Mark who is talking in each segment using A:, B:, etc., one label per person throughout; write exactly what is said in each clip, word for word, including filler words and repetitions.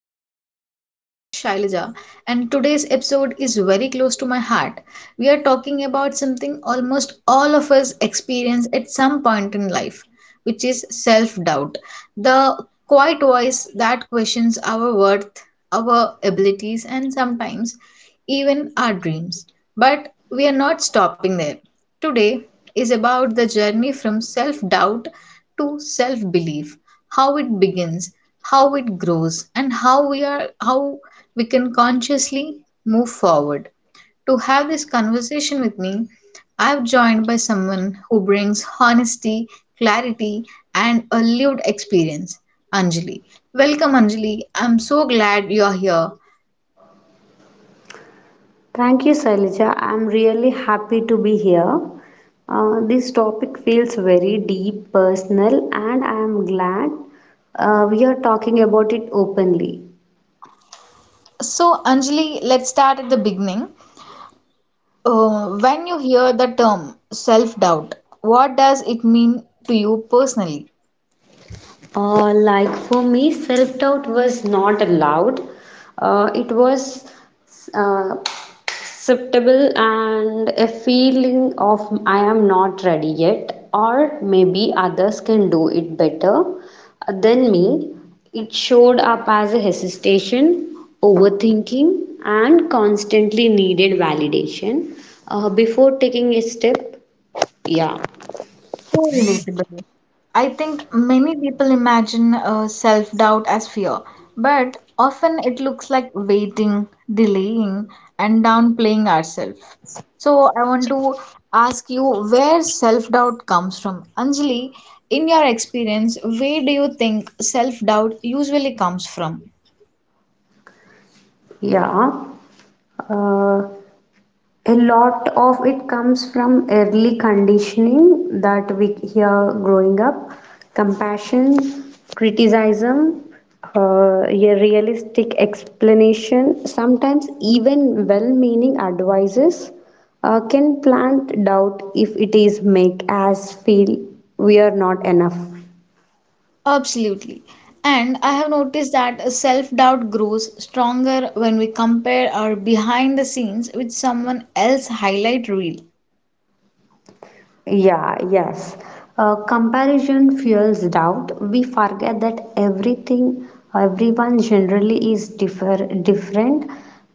A: podcast. I'm your host, Shailaja, and today's episode is very close to my heart. We are talking about something almost all of us experience at some point in life, which is self doubt. The quiet voice that questions our worth, our abilities, and sometimes even our dreams. But we are not stopping there. Today is about the journey from self doubt to self belief, how it begins, how it grows, and how we are how we can consciously move forward. To have this conversation with me, I've joined by someone who brings honesty, clarity, and a lived experience, Anjali. Welcome, Anjali. I'm so glad you're here.
B: Thank you, Sailija. I'm really happy to be here. Uh, this topic feels very deep, personal, and I am glad uh, we are talking about it openly.
A: So, Anjali, let's start at the beginning. Uh, when you hear the term self doubt, what does it mean to you personally?
B: Uh, like for me, self doubt was not allowed, uh, it was uh, acceptable and a feeling of I am not ready yet, or maybe others can do it better than me. It showed up as a hesitation, overthinking, and constantly needed validation uh, before taking a step. Yeah,
A: So relatable. I think many people imagine uh, self doubt as fear, but often it looks like waiting, delaying, and downplaying ourselves. So, I want to ask you where self doubt comes from. Anjali, in your experience, where do you think self doubt usually comes from?
B: yeah. Uh, A lot of it comes from early conditioning that we hear growing up compassion, criticism, uh, a realistic explanation, sometimes even well meaning advices uh, can plant doubt if it is make us feel we are not enough.
A: Absolutely. And I have noticed that self doubt grows stronger when we compare our behind the scenes with someone else's highlight reel.
B: Yeah, yes. Uh, comparison fuels doubt. We forget that everything, everyone generally is differ, different,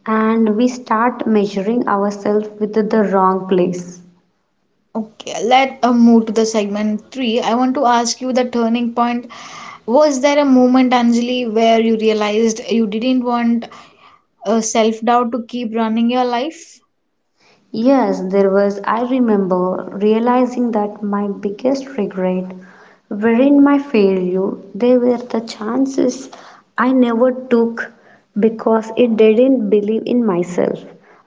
B: and we start measuring ourselves with the wrong place.
A: Okay, let us move to the segment three. I want to ask you the turning point. Was there a moment, Anjali, where you realized you didn't want uh, self doubt to keep running your life?
B: Yes, there was. I remember realizing that my biggest regret wherein my failure, they were the chances I never took because it didn't believe in myself.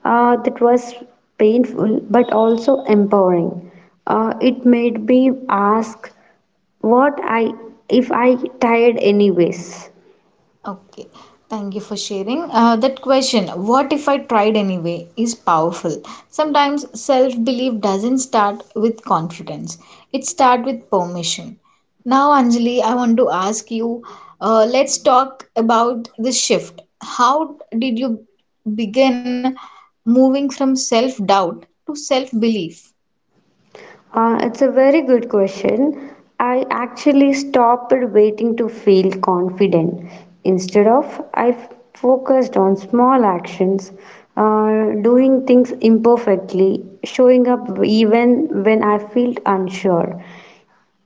B: Uh, that was painful but also empowering. Uh, it made me ask what I if I tired anyways.
A: Okay, thank you for sharing. Uh, that question, what if I tried anyway, is powerful. Sometimes self belief doesn't start with confidence, it starts with permission. Now, Anjali, I want to ask you, uh, let's talk about the shift. How did you begin moving from self doubt to self belief?
B: Uh, it's a very good question. I actually stopped waiting to feel confident. Instead of, I f- focused on small actions, uh, doing things imperfectly, showing up even when I felt unsure.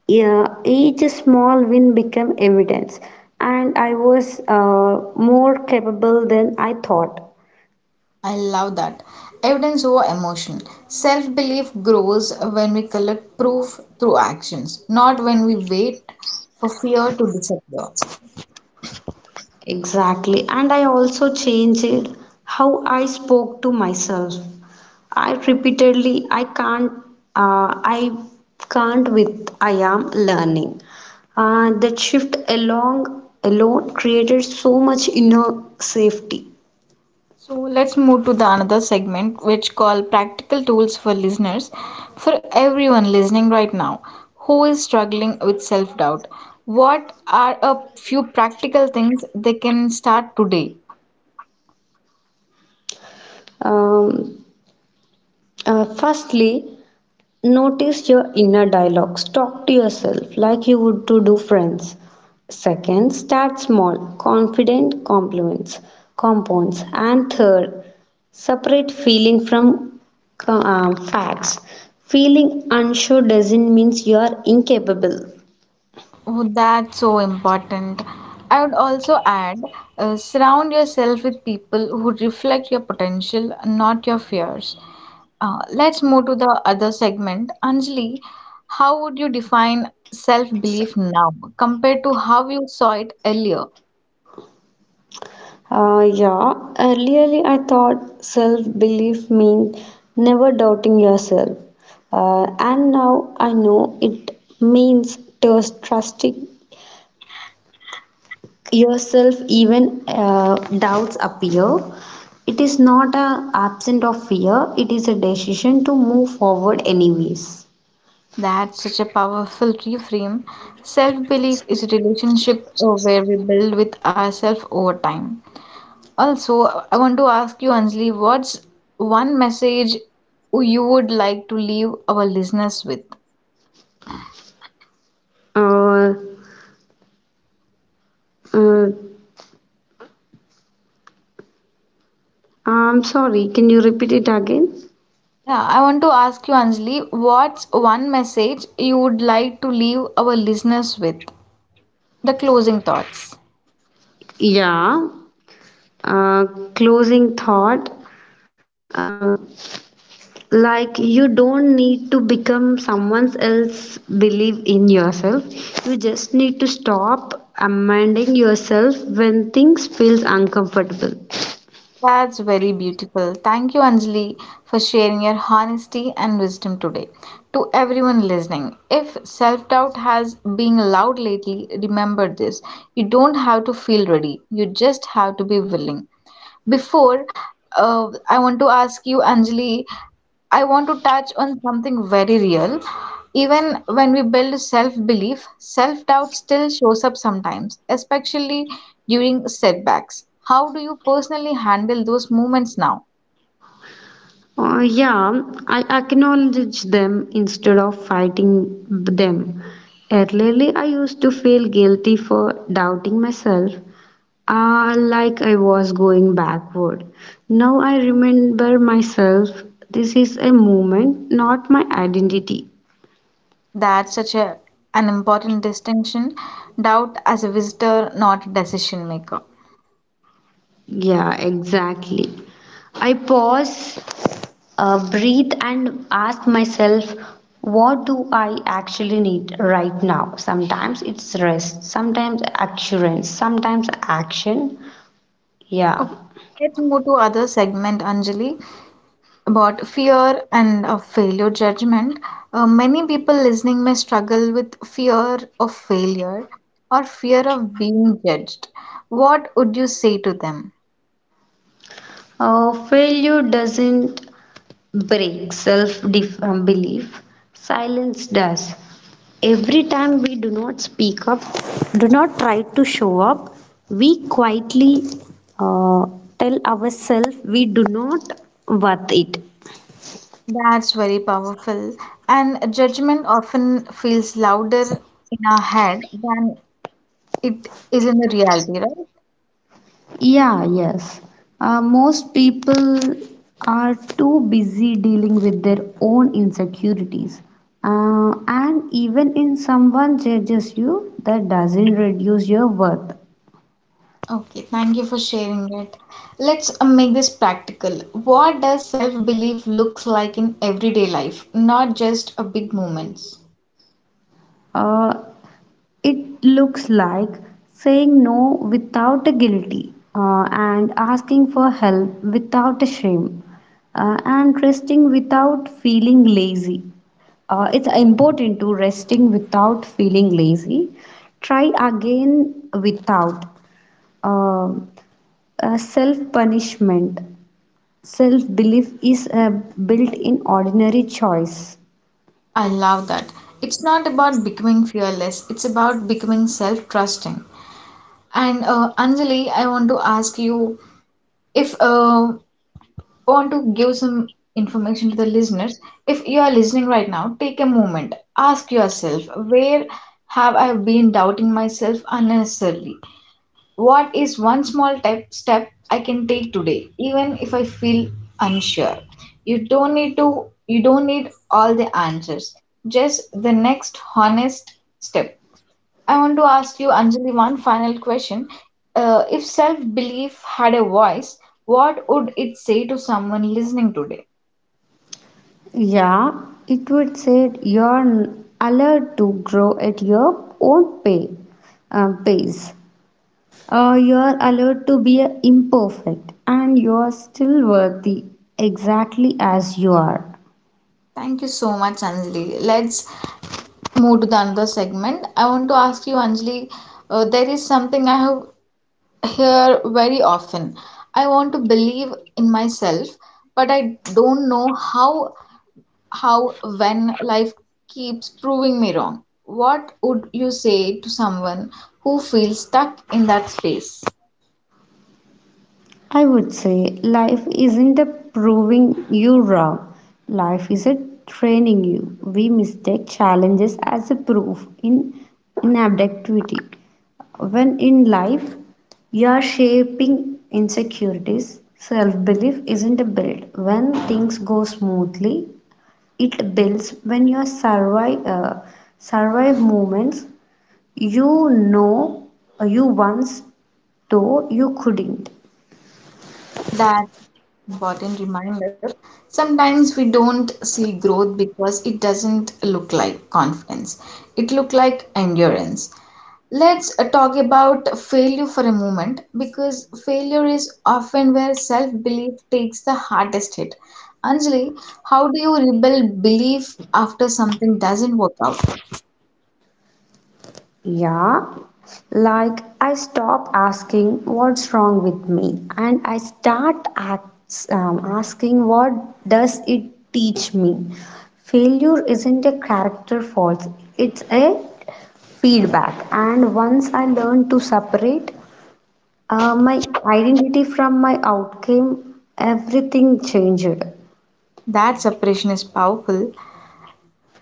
B: Yeah, each small win became evidence, and I was uh, more capable than I thought.
A: I love that. Evidence over emotion. Self belief grows when we collect proof through actions, not when we wait for fear to disappear.
B: Exactly, and I also changed how I spoke to myself. I repeatedly, I can't, uh, I can't with I am learning. Uh, that shift along alone created so much inner safety.
A: So let's move to the another segment which called practical tools for listeners, for everyone listening right now who is struggling with self doubt. What are a few practical things they can start today?
B: Um, uh, Firstly, notice your inner dialogues. Talk to yourself like you would to do friends. Second, start small, confident compliments, compounds. And third, separate feeling from uh, facts. Feeling unsure doesn't mean you are incapable.
A: Oh, that's so important. I would also add, uh, surround yourself with people who reflect your potential, not your fears. Uh, let's move to the other segment. Anjali, how would you define self belief now compared to how you saw it earlier?
B: Uh, yeah, Earlier I thought self belief means never doubting yourself. Uh, and now I know it means trust- trusting yourself even uh, doubts appear. It is not a absent of fear, it is a decision to move forward anyways.
A: That's such a powerful reframe. Self belief is a relationship uh, where we build with ourselves over time. Also, I want to ask you, Anjali, what's one message you would like to leave our listeners with?
B: Uh, uh, I'm sorry, can you repeat it again?
A: Yeah, I want to ask you, Anjali, what's one message you would like to leave our listeners with? The closing thoughts.
B: Yeah. Uh, Closing thought. Uh, like you don't need to become someone else, believe in yourself. You just need to stop amending yourself when things feels uncomfortable.
A: That's very beautiful. Thank you, Anjali, for sharing your honesty and wisdom today. To everyone listening, if self doubt has been loud lately, remember this: you don't have to feel ready, you just have to be willing. Before, uh, I want to ask you, Anjali, I want to touch on something very real. Even when we build self-belief, self-doubt still shows up sometimes, especially during setbacks. How do you personally handle those moments now?
B: Uh, yeah, I acknowledge them instead of fighting them. Earlier, I used to feel guilty for doubting myself, uh, like I was going backward. Now I remember myself. This is a moment, not my identity.
A: That's such a, an important distinction. Doubt as a visitor, not a decision maker.
B: Yeah, exactly. I pause, uh, breathe and ask myself, what do I actually need right now? Sometimes it's rest, sometimes assurance, sometimes action. Yeah.
A: Okay, let's move to other segment, Anjali, about fear and a failure judgment. Uh, many people listening may struggle with fear of failure or fear of being judged. What would you say to them?
B: Uh, failure doesn't break self um, belief, silence does. Every time we do not speak up, do not try to show up, we quietly uh, tell ourselves we do not worth it.
A: That's very powerful. And judgment often feels louder in our head than it is in the reality, right?
B: Yeah, yes. Uh, most people are too busy dealing with their own insecurities. Uh, and even in someone judges you, that doesn't reduce your worth.
A: Okay, thank you for sharing it. Let's uh, make this practical. What does self-belief looks like in everyday life, not just a big moments?
B: Uh, it looks like saying no without a guilty, uh, and asking for help without a shame, uh, and resting without feeling lazy. Uh, it's important to resting without feeling lazy. Try again without um, uh, self punishment. Self belief is uh, built in ordinary choice.
A: I love that. It's not about becoming fearless, it's about becoming self trusting. And uh, Anjali, I want to ask you, if uh, I want to give some information to the listeners. If you are listening right now, take a moment, ask yourself, where have I been doubting myself unnecessarily? What is one small tep- step I can take today, even if I feel unsure? You don't need to, you don't need all the answers, just the next honest step. I want to ask you, Anjali, one final question. Uh, if self belief had a voice, what would it say to someone listening today?
B: Yeah, it would say you're allowed to grow at your own pay, uh, pace. Uh, you're allowed to be imperfect and you're still worthy exactly as you are.
A: Thank you so much, Anjali. Let's move to the another segment. I want to ask you, Anjali, uh, there is something I have here very often. I want to believe in myself, but I don't know how how when life keeps proving me wrong. What would you say to someone who feels stuck in that space?
B: I would say life isn't a proving you wrong. Life is a training you. We mistake challenges as a proof in inabductivity. When in life you are shaping insecurities, self-belief isn't built. When things go smoothly, it builds when you survive, uh, survive moments you know you once though you couldn't.
A: That important reminder. Sometimes we don't see growth because it doesn't look like confidence. It look like endurance. Let's uh, talk about failure for a moment because failure is often where self belief takes the hardest hit. Anjali, how do you rebuild belief after something doesn't work out?
B: Yeah, like I stop asking what's wrong with me and I start acts, um, asking what does it teach me. Failure isn't a character fault, it's a feedback. And once I learn to separate uh, my identity from my outcome, everything changed.
A: That separation is powerful.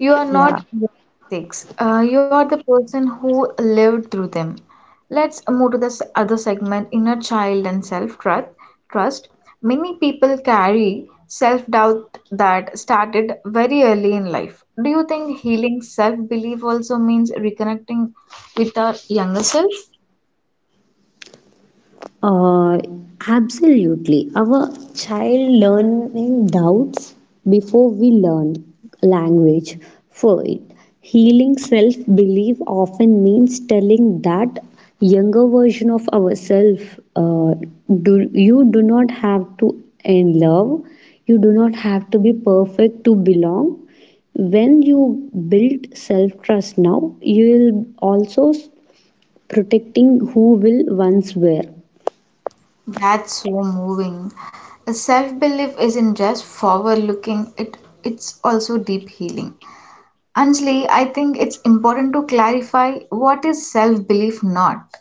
A: You are
B: Yeah.
A: not the mistakes. Uh, you are the person who lived through them. Let's move to the s- other segment, inner child and self trust. Trust. Many people carry self doubt that started very early in life. Do you think healing self belief also means reconnecting with our younger self?
B: Uh, Absolutely. Our child learning doubts before we learn language for it. Healing self belief often means telling that younger version of ourselves uh, do, you do not have to in love, you do not have to be perfect to belong. When you build self trust now, you will also protecting who will once were.
A: That's so moving. Self belief isn't just forward looking, it, it's also deep healing. Anjali, I think it's important to clarify what is self belief not.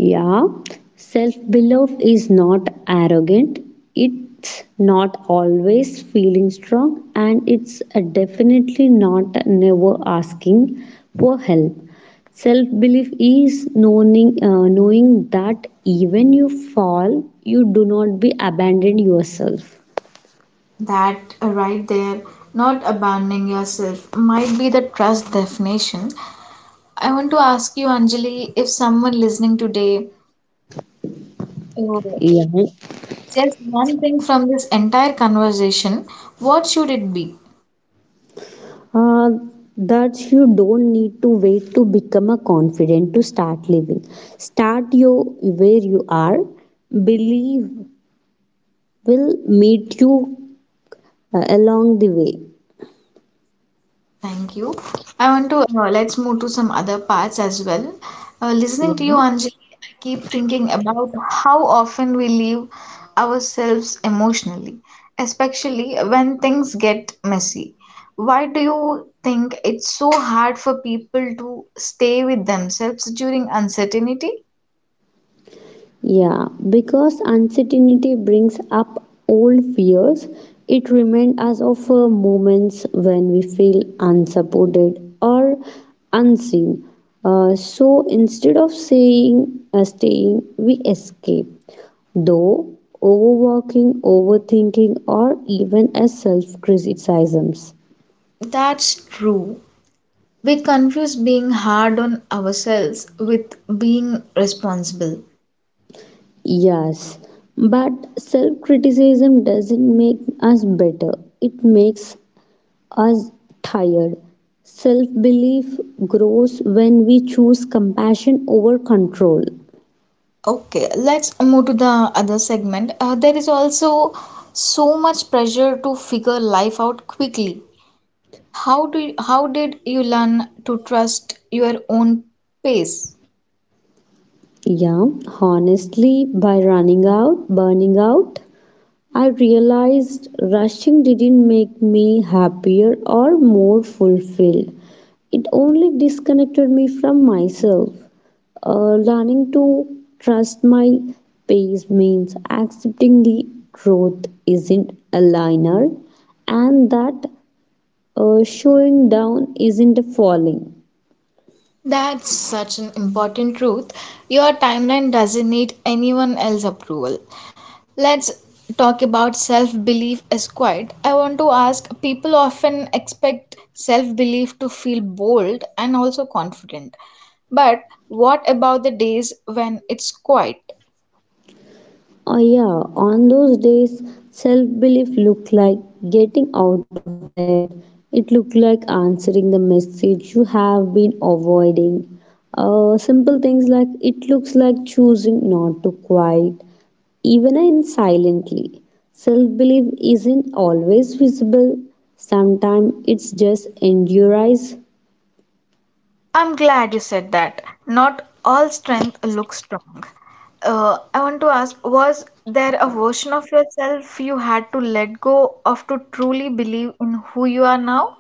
B: Yeah, self belief is not arrogant, it's not always feeling strong, and it's uh, definitely not never asking for help. Self belief is knowing, uh, knowing that even you fall, you do not be abandon yourself.
A: That uh, right there, not abandoning yourself, might be the trust definition. I want to ask you, Anjali, if someone listening today uh,
B: Yeah.
A: says one thing from this entire conversation, what should it be?
B: Uh, that you don't need to wait to become a confident to start living. Start your where you are. Believe will meet you uh, along the way.
A: Thank you. I want to uh, let's move to some other parts as well. Uh, listening
B: Yeah.
A: to you, Anjali, I keep thinking about how often we leave ourselves emotionally, especially when things get messy. Why do you think it's so hard for people to stay with themselves during uncertainty?
B: Yeah, because uncertainty brings up old fears, it reminds us of uh, moments when we feel unsupported or unseen. Uh, so instead of saying uh, staying, we escape. Though overworking, overthinking, or even as self criticisms.
A: That's true. We confuse being hard on ourselves with being responsible.
B: Yes, but self criticism doesn't make us better, it makes us tired. Self belief grows when we choose compassion over control.
A: Okay, let's move to the other segment. Uh, there is also so much pressure to figure life out quickly. How do you, how did you learn to trust your own pace?
B: Yeah, honestly, by running out, burning out, I realized rushing didn't make me happier or more fulfilled. It only disconnected me from myself. Uh, learning to trust my pace means accepting the growth isn't a linear and that uh, showing down isn't a falling.
A: That's such an important truth. Your timeline doesn't need anyone else's approval. Let's talk about self belief as quite. I want to ask, people often expect self belief to feel bold and also confident. But what about the days when it's quiet?
B: Oh yeah, on those days, self belief looked like getting out of bed. It looked like answering the message you have been avoiding. Uh, simple things like it looks like choosing not to cry even in silently. Self belief isn't always visible. Sometimes it's just endurance.
A: I'm glad you said that. Not all strength looks strong. Uh, I want to ask, was there a version of yourself you had to let go of to truly believe in who you are now?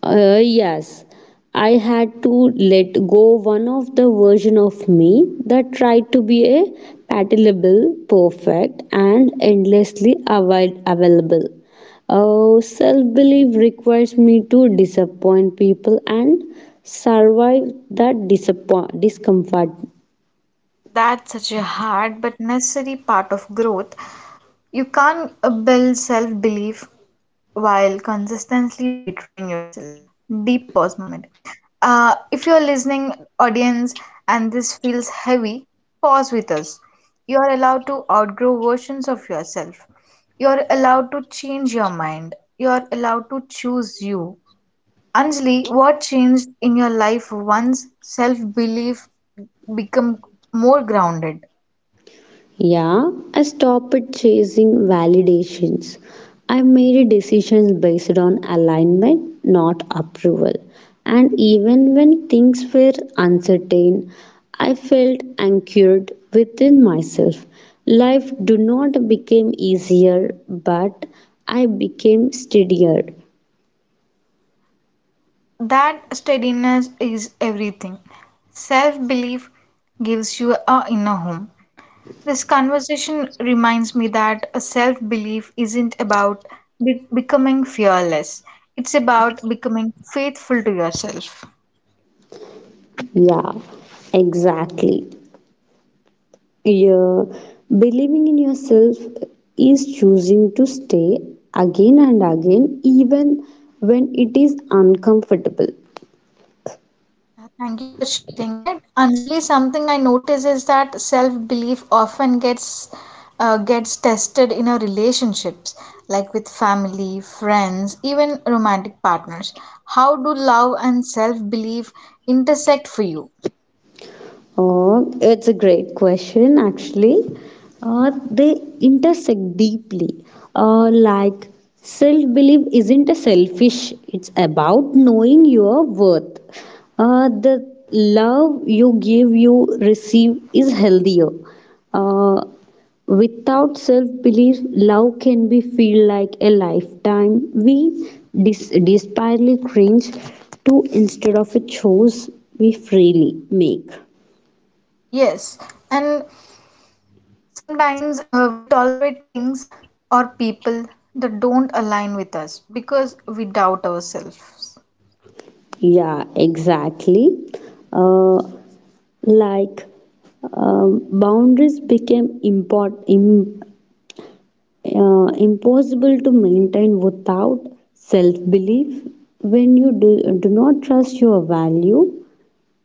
B: Uh, yes, I had to let go one of the version of me that tried to be a palatable, perfect, and endlessly avoid- available. Uh, self belief requires me to disappoint people and survive that disappoint- discomfort.
A: That's such a hard but necessary part of growth. You can't uh, build self-belief while consistently betraying yourself. Deep pause moment. Uh, if you're listening, audience, and this feels heavy, pause with us. You're allowed to outgrow versions of yourself. You're allowed to change your mind. You're allowed to choose you. Anjali, what changed in your life once self belief become more grounded?
B: Yeah, I stopped chasing validations. I made decisions based on alignment, not approval. And even when things were uncertain, I felt anchored within myself. Life do not become easier, but I became steadier.
A: That steadiness is everything. Self belief gives you a inner home. This conversation reminds me that a self belief isn't about be- becoming fearless, it's about becoming faithful to yourself.
B: Yeah, exactly. Yeah, believing in yourself is choosing to stay again and again, even when it is uncomfortable.
A: Thank you for sharing it. Anjali, something I notice is that self belief often gets uh, gets tested in our relationships, like with family, friends, even romantic partners. How do love and self belief intersect for you?
B: Oh, it's a great question, actually. Uh, they intersect deeply. Uh, like, Self belief isn't a selfish, it's about knowing your worth. Uh, the love you give, you receive is healthier. Uh, Without self belief, love can be feel like a lifetime. We dis- desperately cringe to instead of a choice we freely make.
A: Yes, and sometimes uh, we tolerate things or people that don't align with us because we doubt ourselves.
B: Yeah, exactly. Uh, like um, Boundaries became import, im, uh, impossible to maintain without self belief. When you do, do not trust your value,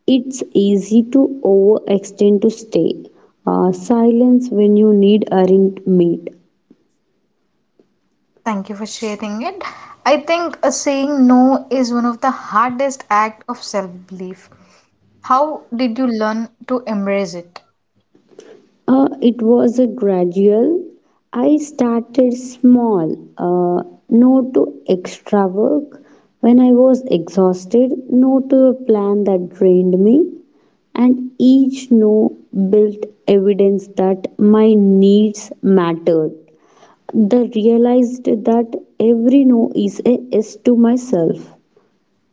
B: it's easy to overextend to stay. Uh, silence when you need aren't met.
A: Thank you for sharing it. I think uh, saying no is one of the hardest act of self-belief. How did you learn to embrace it?
B: Uh, it was a gradual. I started small, uh, no to extra work. When I was exhausted, no to a plan that drained me. And each no built evidence that my needs mattered. The realized that every no is a yes to myself.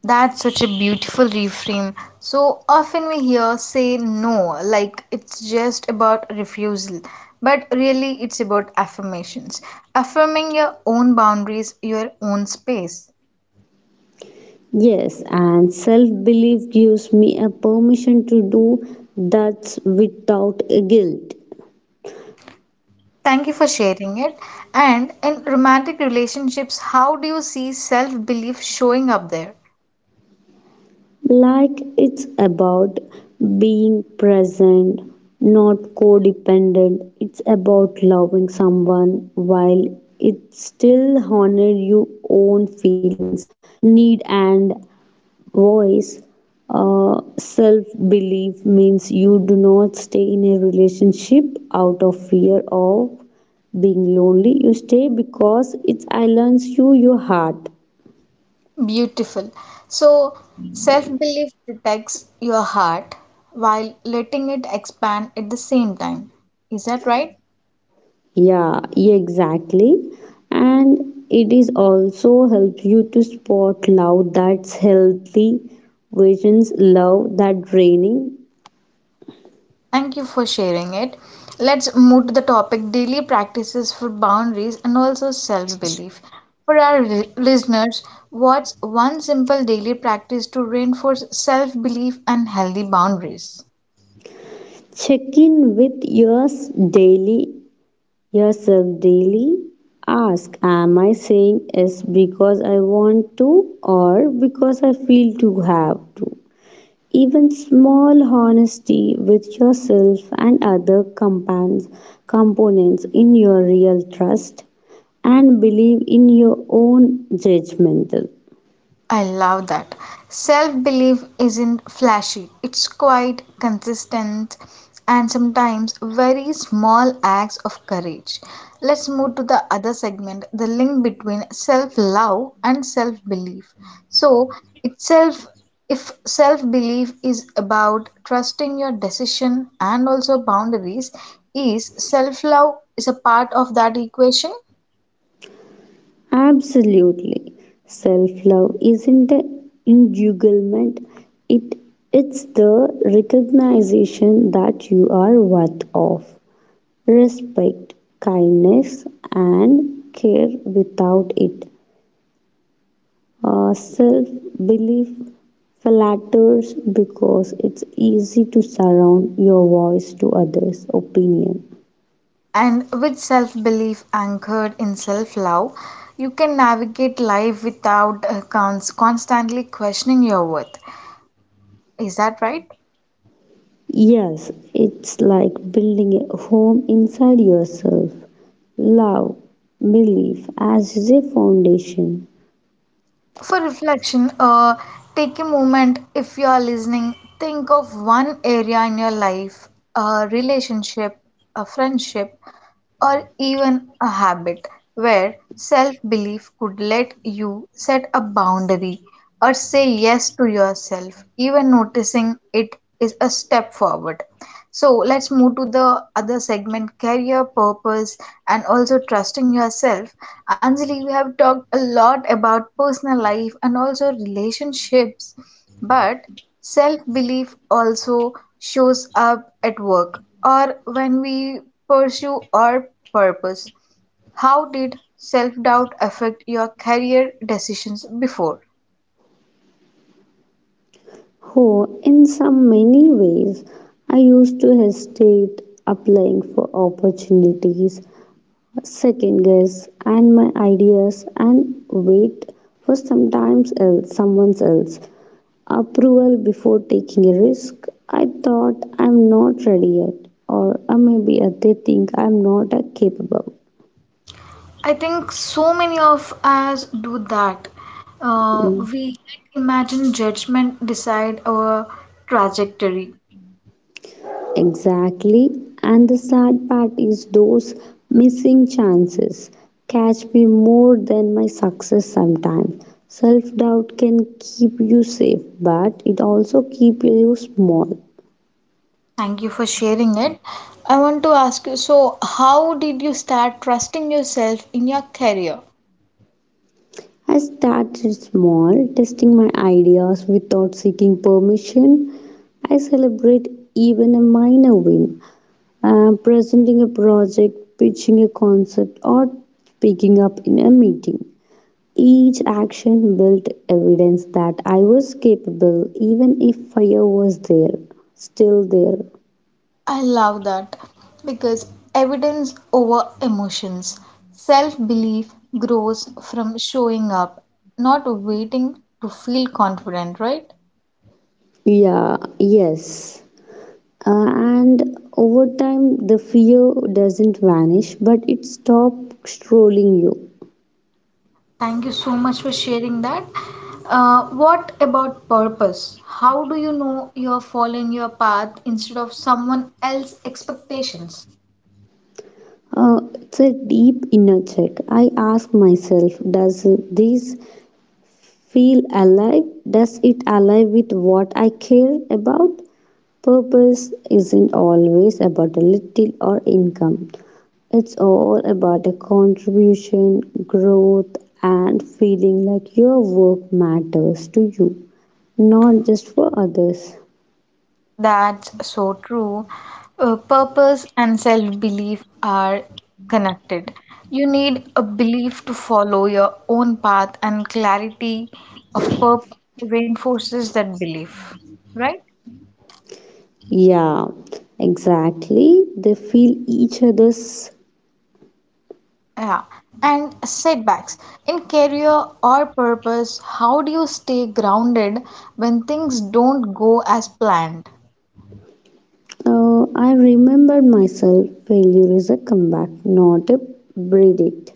A: That's such a beautiful reframe. So often we hear say no, like it's just about refusal, but really it's about affirmations. Affirming your own boundaries, your own space.
B: Yes, and self belief gives me a permission to do that without a guilt.
A: Thank you for sharing it. And in romantic relationships, how do you see self belief showing up there?
B: Like it's about being present, not codependent. It's about loving someone while it still honors your own feelings, need and voice. Uh, self belief means you do not stay in a relationship out of fear of being lonely. You stay because it aligns you your heart.
A: Beautiful. So, self belief protects your heart while letting it expand at the same time. Is that right?
B: Yeah, yeah, exactly. And it is also helps you to spot love that's healthy, visions love that draining.
A: Thank you for sharing it. Let's move to the topic daily practices for boundaries and also self belief. For our li- listeners, what's one simple daily practice to reinforce self belief and healthy boundaries?
B: Check in with yours daily, yourself daily. Ask, am I saying yes because I want to or because I feel to have to? Even small honesty with yourself and other compans- components in your real trust and believe in your own judgmental.
A: I love that. Self belief isn't flashy, it's quite consistent and sometimes very small acts of courage. Let's move to the other segment, the link between self love and self belief. So, itself, if self belief is about trusting your decision and also boundaries, is self love is a part of that equation?
B: Absolutely. Self love isn't an entanglement, it, it's the recognition that you are worth of respect, kindness, and care. Without it, uh, self belief flatters because it's easy to surround your voice to others' opinion.
A: And with self belief anchored in self love, you can navigate life without uh, cons- constantly questioning your worth. Is that right?
B: Yes, it's like building a home inside yourself. Love, belief as a foundation.
A: For reflection, uh, take a moment if you are listening. Think of one area in your life, a relationship, a friendship, or even a habit where self belief could let you set a boundary or say yes to yourself. Even noticing it is a step forward. So let's move to the other segment, career, purpose, and also trusting yourself. Anjali, we have talked a lot about personal life and also relationships, but self belief also shows up at work or when we pursue our purpose. How did self doubt affect your career decisions before?
B: Oh, in some many ways, I used to hesitate applying for opportunities, second guess and my ideas and wait for sometimes else someone else approval before taking a risk. I thought I'm not ready yet, or uh, maybe uh, they think I'm not uh, capable.
A: I think so many of us do that. Uh,
B: Mm.
A: we let imagine judgment decide our trajectory.
B: Exactly. And the sad part is those missing chances catch me more than my success sometimes. Self doubt can keep you safe, but it also keeps you small.
A: Thank you for sharing it. I want to ask you, so, how did you start trusting yourself in your career?
B: I started small, testing my ideas without seeking permission. I celebrate even a minor win, uh, presenting a project, pitching a concept, or speaking up in a meeting. Each action built evidence that I was capable, even if fire was there, still there.
A: I love that because evidence over emotions. Self belief grows from showing up, not waiting to feel confident, right?
B: Yeah, yes. Uh, and over time, the fear doesn't vanish, but it stops trolling you.
A: Thank you so much for sharing that. Uh, what about purpose? How do you know you're following your path instead of someone else's expectations?
B: Uh, it's a deep inner check. I ask myself, does this feel alive? Does it align with what I care about? Purpose isn't always about a little or income. It's all about a contribution, growth, and feeling like your work matters to you, not just for others.
A: That's so true. Uh, purpose and self belief are connected. You need a belief to follow your own path, and clarity of purpose reinforces that belief, right?
B: Yeah, exactly. They feel each other's.
A: Yeah, and setbacks in career or purpose, how do you stay grounded when things don't go as planned?
B: Uh, I remembered myself, failure is a comeback, not a verdict.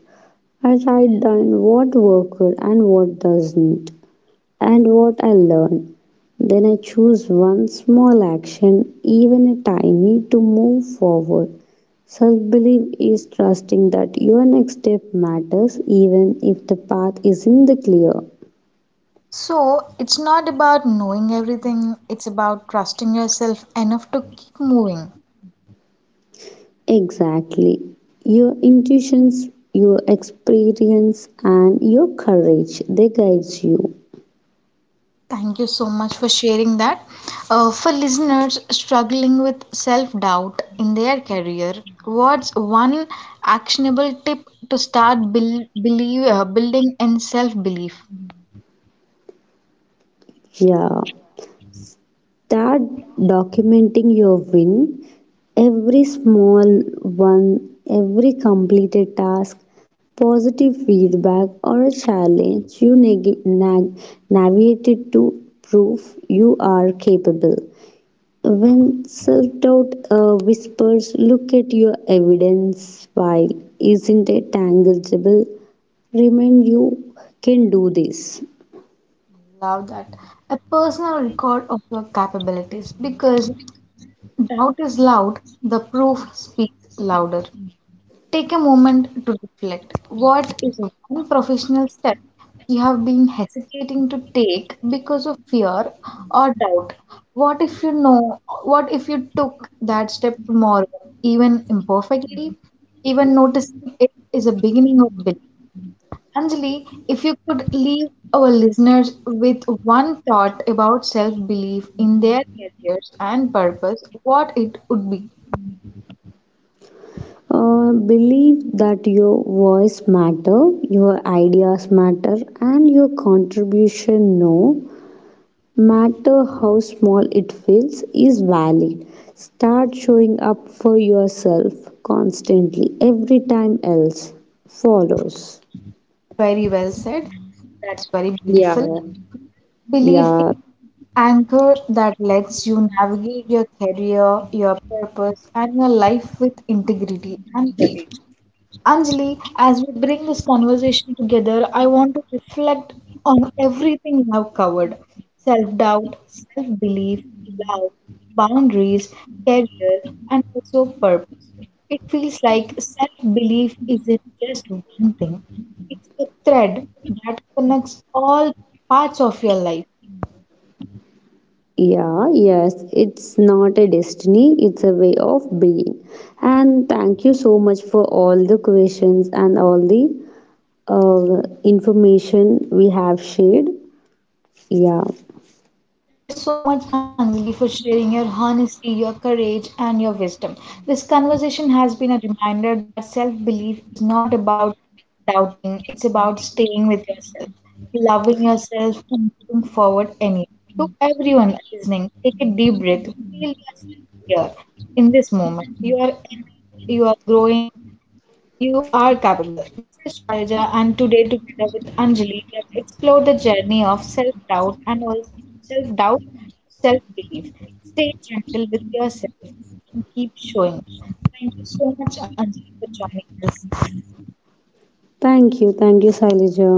B: I write down what worked and what doesn't, and what I learned. Then I choose one small action, even a tiny, to move forward. Self belief is trusting that your next step matters even if the path isn't clear.
A: So, it's not about knowing everything, it's about trusting yourself enough to keep moving.
B: Exactly. Your intuitions, your experience, and your courage, they guides you.
A: Thank you so much for sharing that. Uh, for listeners struggling with self doubt in their career, what's one actionable tip to start build, believe, uh, building in self belief?
B: Yeah. Start documenting your win, every small one, every completed task, positive feedback, or a challenge you neg- nag- navigated to prove you are capable. When self doubt uh, whispers, look at your evidence file, isn't it tangible? Remind you can do this.
A: Love that. A personal record of your capabilities because doubt is loud, the proof speaks louder. Take a moment to reflect. What is one professional step you have been hesitating to take because of fear or doubt? What if you know, what if you took that step tomorrow, even imperfectly? Even noticing it is a beginning of belief. Anjali, if you could leave our listeners with one thought about self-belief in their careers and purpose, what it would be?
B: Uh, believe that your voice matter, your ideas matter, and your contribution no matter how small it feels is valid. Start showing up for yourself constantly. Every time else follows.
A: Very well said. That's very
B: Yeah,
A: beautiful. Belief is
B: yeah.
A: anchor that lets you navigate your career, your purpose, and your life with integrity and courage. Anjali, as we bring this conversation together, I want to reflect on everything we have covered, self doubt, self belief, love, boundaries, career, and also purpose. It feels like self belief isn't just one thing, it's a thread that connects all parts of your life.
B: Yeah, yes, it's not a destiny, it's a way of being. And thank you so much for all the questions and all the uh, information we have shared. Yeah,
A: Thank you so much, Anjali, for sharing your honesty, your courage, and your wisdom. This conversation has been a reminder that self belief is not about doubting, it's about staying with yourself, loving yourself, and moving forward anyway. To everyone listening, take a deep breath, feel yourself here in this moment. You are enough, you are growing, you are capable. This is Shailaja, and today, together with Anjali, we have explored the journey of self doubt and also self doubt to self belief. Stay gentle with yourself and keep showing. Up. Thank you so much, Anjali, for joining us.
B: thank you, thank you, Sailaja.